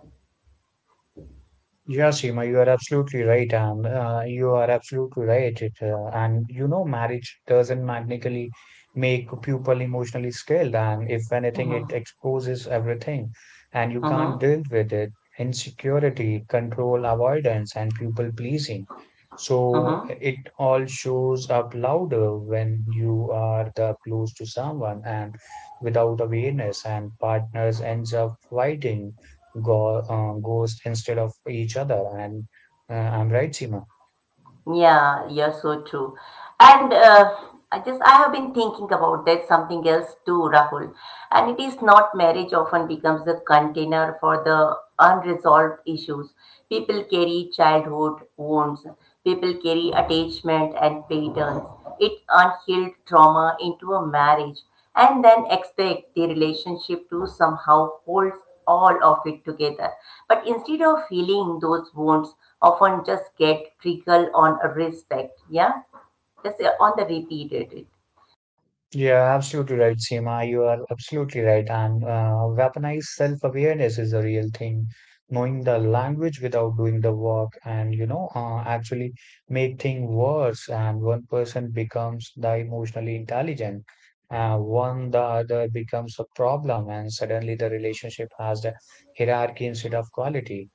Yeah, Seema, you are absolutely right, and uh, you are absolutely right. It, uh, and you know, marriage doesn't magically make people emotionally skilled, and if anything, it
Hmm.
exposes everything, and you
Hmm.
can't deal with it. Insecurity, control, avoidance, and people pleasing. So
Hmm.
it all shows up louder when you are the close to someone and without awareness, and partners ends up fighting go- uh, ghost instead of each other. And uh, I'm right, Seema.
Yeah, yeah, so true. And uh, I just I have been thinking about that something else too, Rahul. And it is not marriage often becomes the container for the unresolved issues. People carry childhood wounds. People carry attachment and patterns. It unhealed trauma into a marriage and then expect the relationship to somehow hold all of it together. But instead of healing, those wounds often just get triggered on respect. Yeah, just uh, on the repeated.
Yeah, absolutely right, Seema. You are absolutely right. And uh, weaponized self-awareness is a real thing. Knowing the language without doing the work and, you know, uh, actually make things worse. And one person becomes the emotionally intelligent. Uh, one, the other becomes a problem. And suddenly the relationship has the hierarchy instead of quality.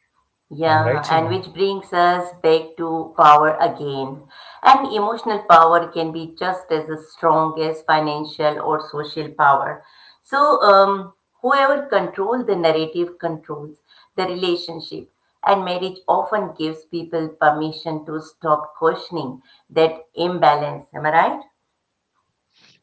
I'm right,
Yeah, and
Seema.
which brings us back to power again. And emotional power can be just as strong as financial or social power. So, um, whoever controls the narrative controls the relationship. And marriage often gives people permission to stop questioning that imbalance. Am I right?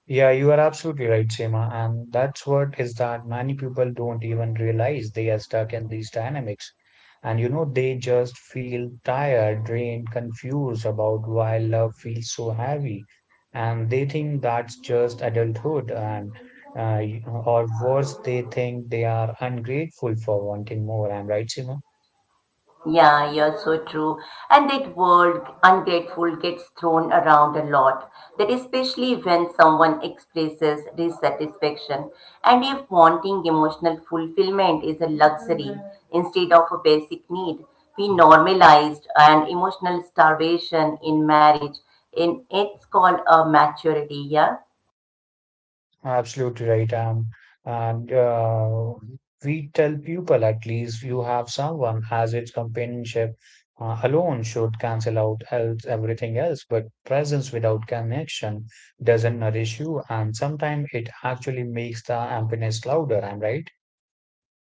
Yeah, you are absolutely right, Seema. And that's what is that many people don't even realize they are stuck in these dynamics. And you know, they just feel tired, drained, confused about why love feels so heavy. And they think that's just adulthood. And, uh, you- or worse, they think they are ungrateful for wanting more. I'm right, Seema?
Yeah, you're so true. And that word ungrateful gets thrown around a lot. That especially when someone expresses dissatisfaction, and if wanting emotional fulfillment is a luxury instead of a basic need. We normalized an emotional starvation in marriage. In it's called a maturity, yeah.
Absolutely right. Um, and uh, We tell people at least you have someone as its companionship uh, alone should cancel out else, everything else. But presence without connection doesn't nourish you, and sometimes it actually makes the emptiness louder. I'm right.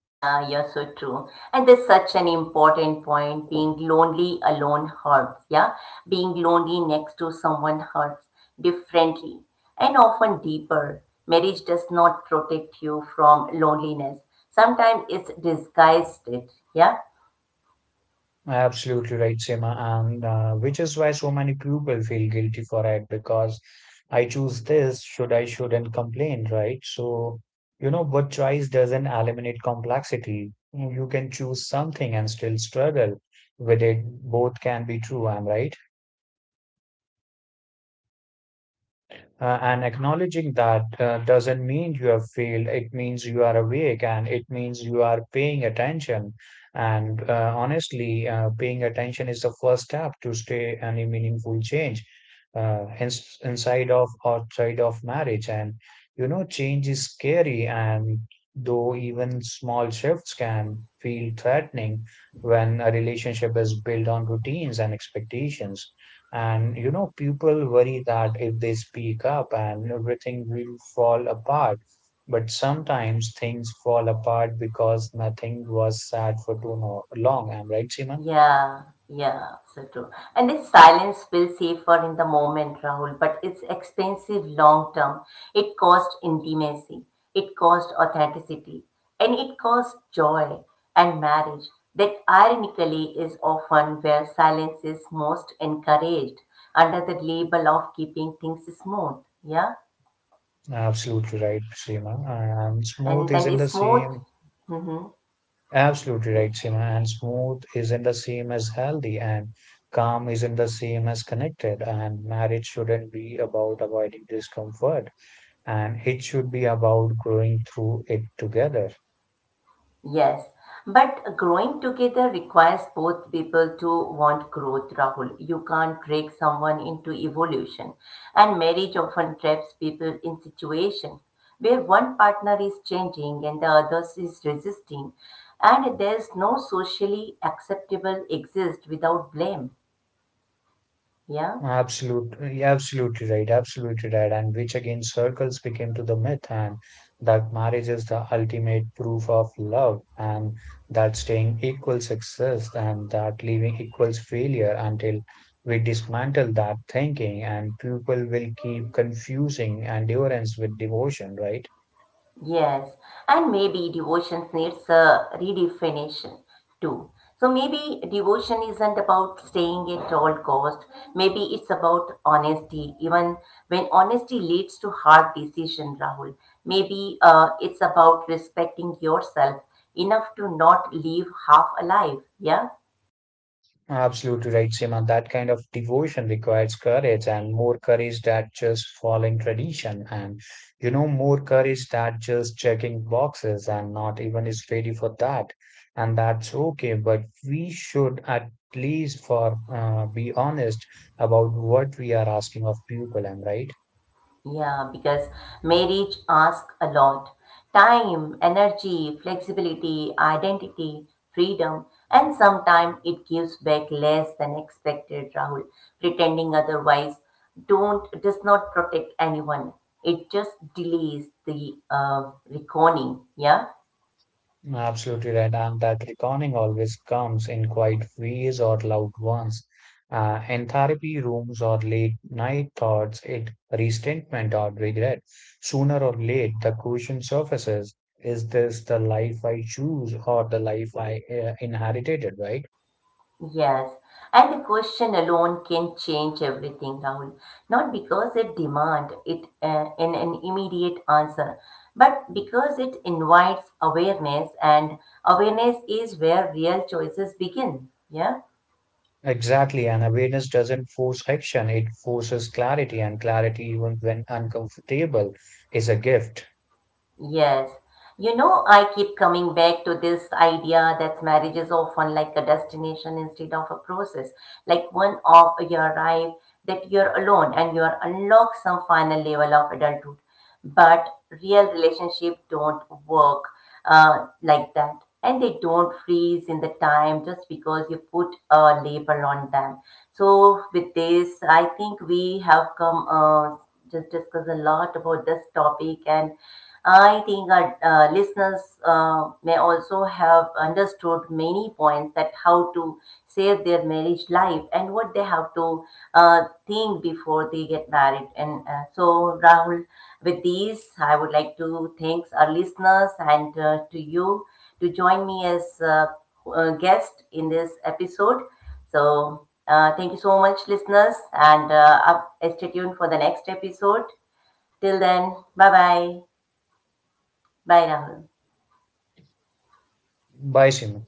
Yeah, you're so true. And there's such an important point. Being lonely alone hurts. Yeah. Being lonely next to someone hurts differently and often deeper. Marriage does not protect you from loneliness. Sometimes it's disguised it. Yeah.
Absolutely right, Seema. And uh, which is why so many people feel guilty for it because I choose this, should I shouldn't complain, right? So, you know, but choice doesn't eliminate complexity. You can choose something and still struggle with it. Both can be true, I'm right. Uh, and acknowledging that uh, doesn't mean you have failed. It means you are awake and it means you are paying attention. And uh, honestly, uh, paying attention is the first step to stay any meaningful change uh, ins inside of outside of marriage. And you know, change is scary, and though even small shifts can feel threatening when a relationship is built on routines and expectations. And you know, people worry that if they speak up and everything will fall apart. But sometimes things fall apart because nothing was said for too no- long. I'm right, Seema?
Yeah, yeah, so true. And this silence feels safer in the moment, Rahul, but it's expensive long term. It costs intimacy, it costs authenticity, and it costs joy and marriage. That ironically is often where silence is most encouraged under the label of keeping things smooth. Yeah,
Absolutely right, Seema. And
and
smooth
then
isn't the
it's smooth.
same.
Mm-hmm.
Absolutely
Yeah.
right, Seema. And smooth isn't the same as healthy, and calm isn't the same as connected. And marriage shouldn't be about avoiding discomfort, and it should be about growing through it together.
Yes, but growing together requires both people to want growth, Rahul. You can't drag someone into evolution. And marriage often traps people in situations where one partner is changing and the other is resisting. And there's no socially acceptable exist without blame. Yeah.
Absolutely, absolutely right, absolutely right, and which again circles became to the myth and that marriage is the ultimate proof of love, and that staying equals success, and that leaving equals failure until we dismantle that thinking, and people will keep confusing endurance with devotion, right?
Yes, and maybe devotion needs a redefinition too. So maybe devotion isn't about staying at all cost. Maybe it's about honesty, even when honesty leads to hard decision, Rahul. Maybe uh, it's about respecting yourself enough to not leave half alive. Yeah.
Absolutely right, Seema. That kind of devotion requires courage and more courage than just following tradition and you know more courage than just checking boxes and not even is ready for that. And that's okay, but we should at least for uh, be honest about what we are asking of people, am right?
Yeah, because marriage asks a lot: time, energy, flexibility, identity, freedom, and sometimes it gives back less than expected, Rahul. Pretending otherwise don't does not protect anyone. It just delays the uh, reckoning. Yeah.
Absolutely right, and that reckoning always comes in quiet ways or loud ones. Uh, in therapy rooms or late night thoughts, it resentment or regret. Sooner or late, the question surfaces: Is this the life I choose or the life I uh, inherited? Right?
Yes, and the question alone can change everything, Rahul. Not because it demand it uh, in an immediate answer, but because it invites awareness, and awareness is where real choices begin. Yeah.
Exactly, and awareness doesn't force action; it forces clarity, and clarity, even when uncomfortable, is a gift.
Yes. You know, I keep coming back to this idea that marriage is often like a destination instead of a process. Like one of you arrive, that you're alone and you are unlock some final level of adulthood. But real relationship don't work uh, like that. And they don't freeze in the time just because you put a label on them. So with this, I think we have come uh, just discuss a lot about this topic, and I think our uh, listeners uh, may also have understood many points that how to save their marriage life and what they have to uh, think before they get married. And uh, so, Rahul, with these, I would like to thanks our listeners and uh, to you to join me as uh, a guest in this episode. So, uh, thank you so much, listeners, and uh, up, stay tuned for the next episode. Till then, bye bye. Bijdragen
Bye, Simon.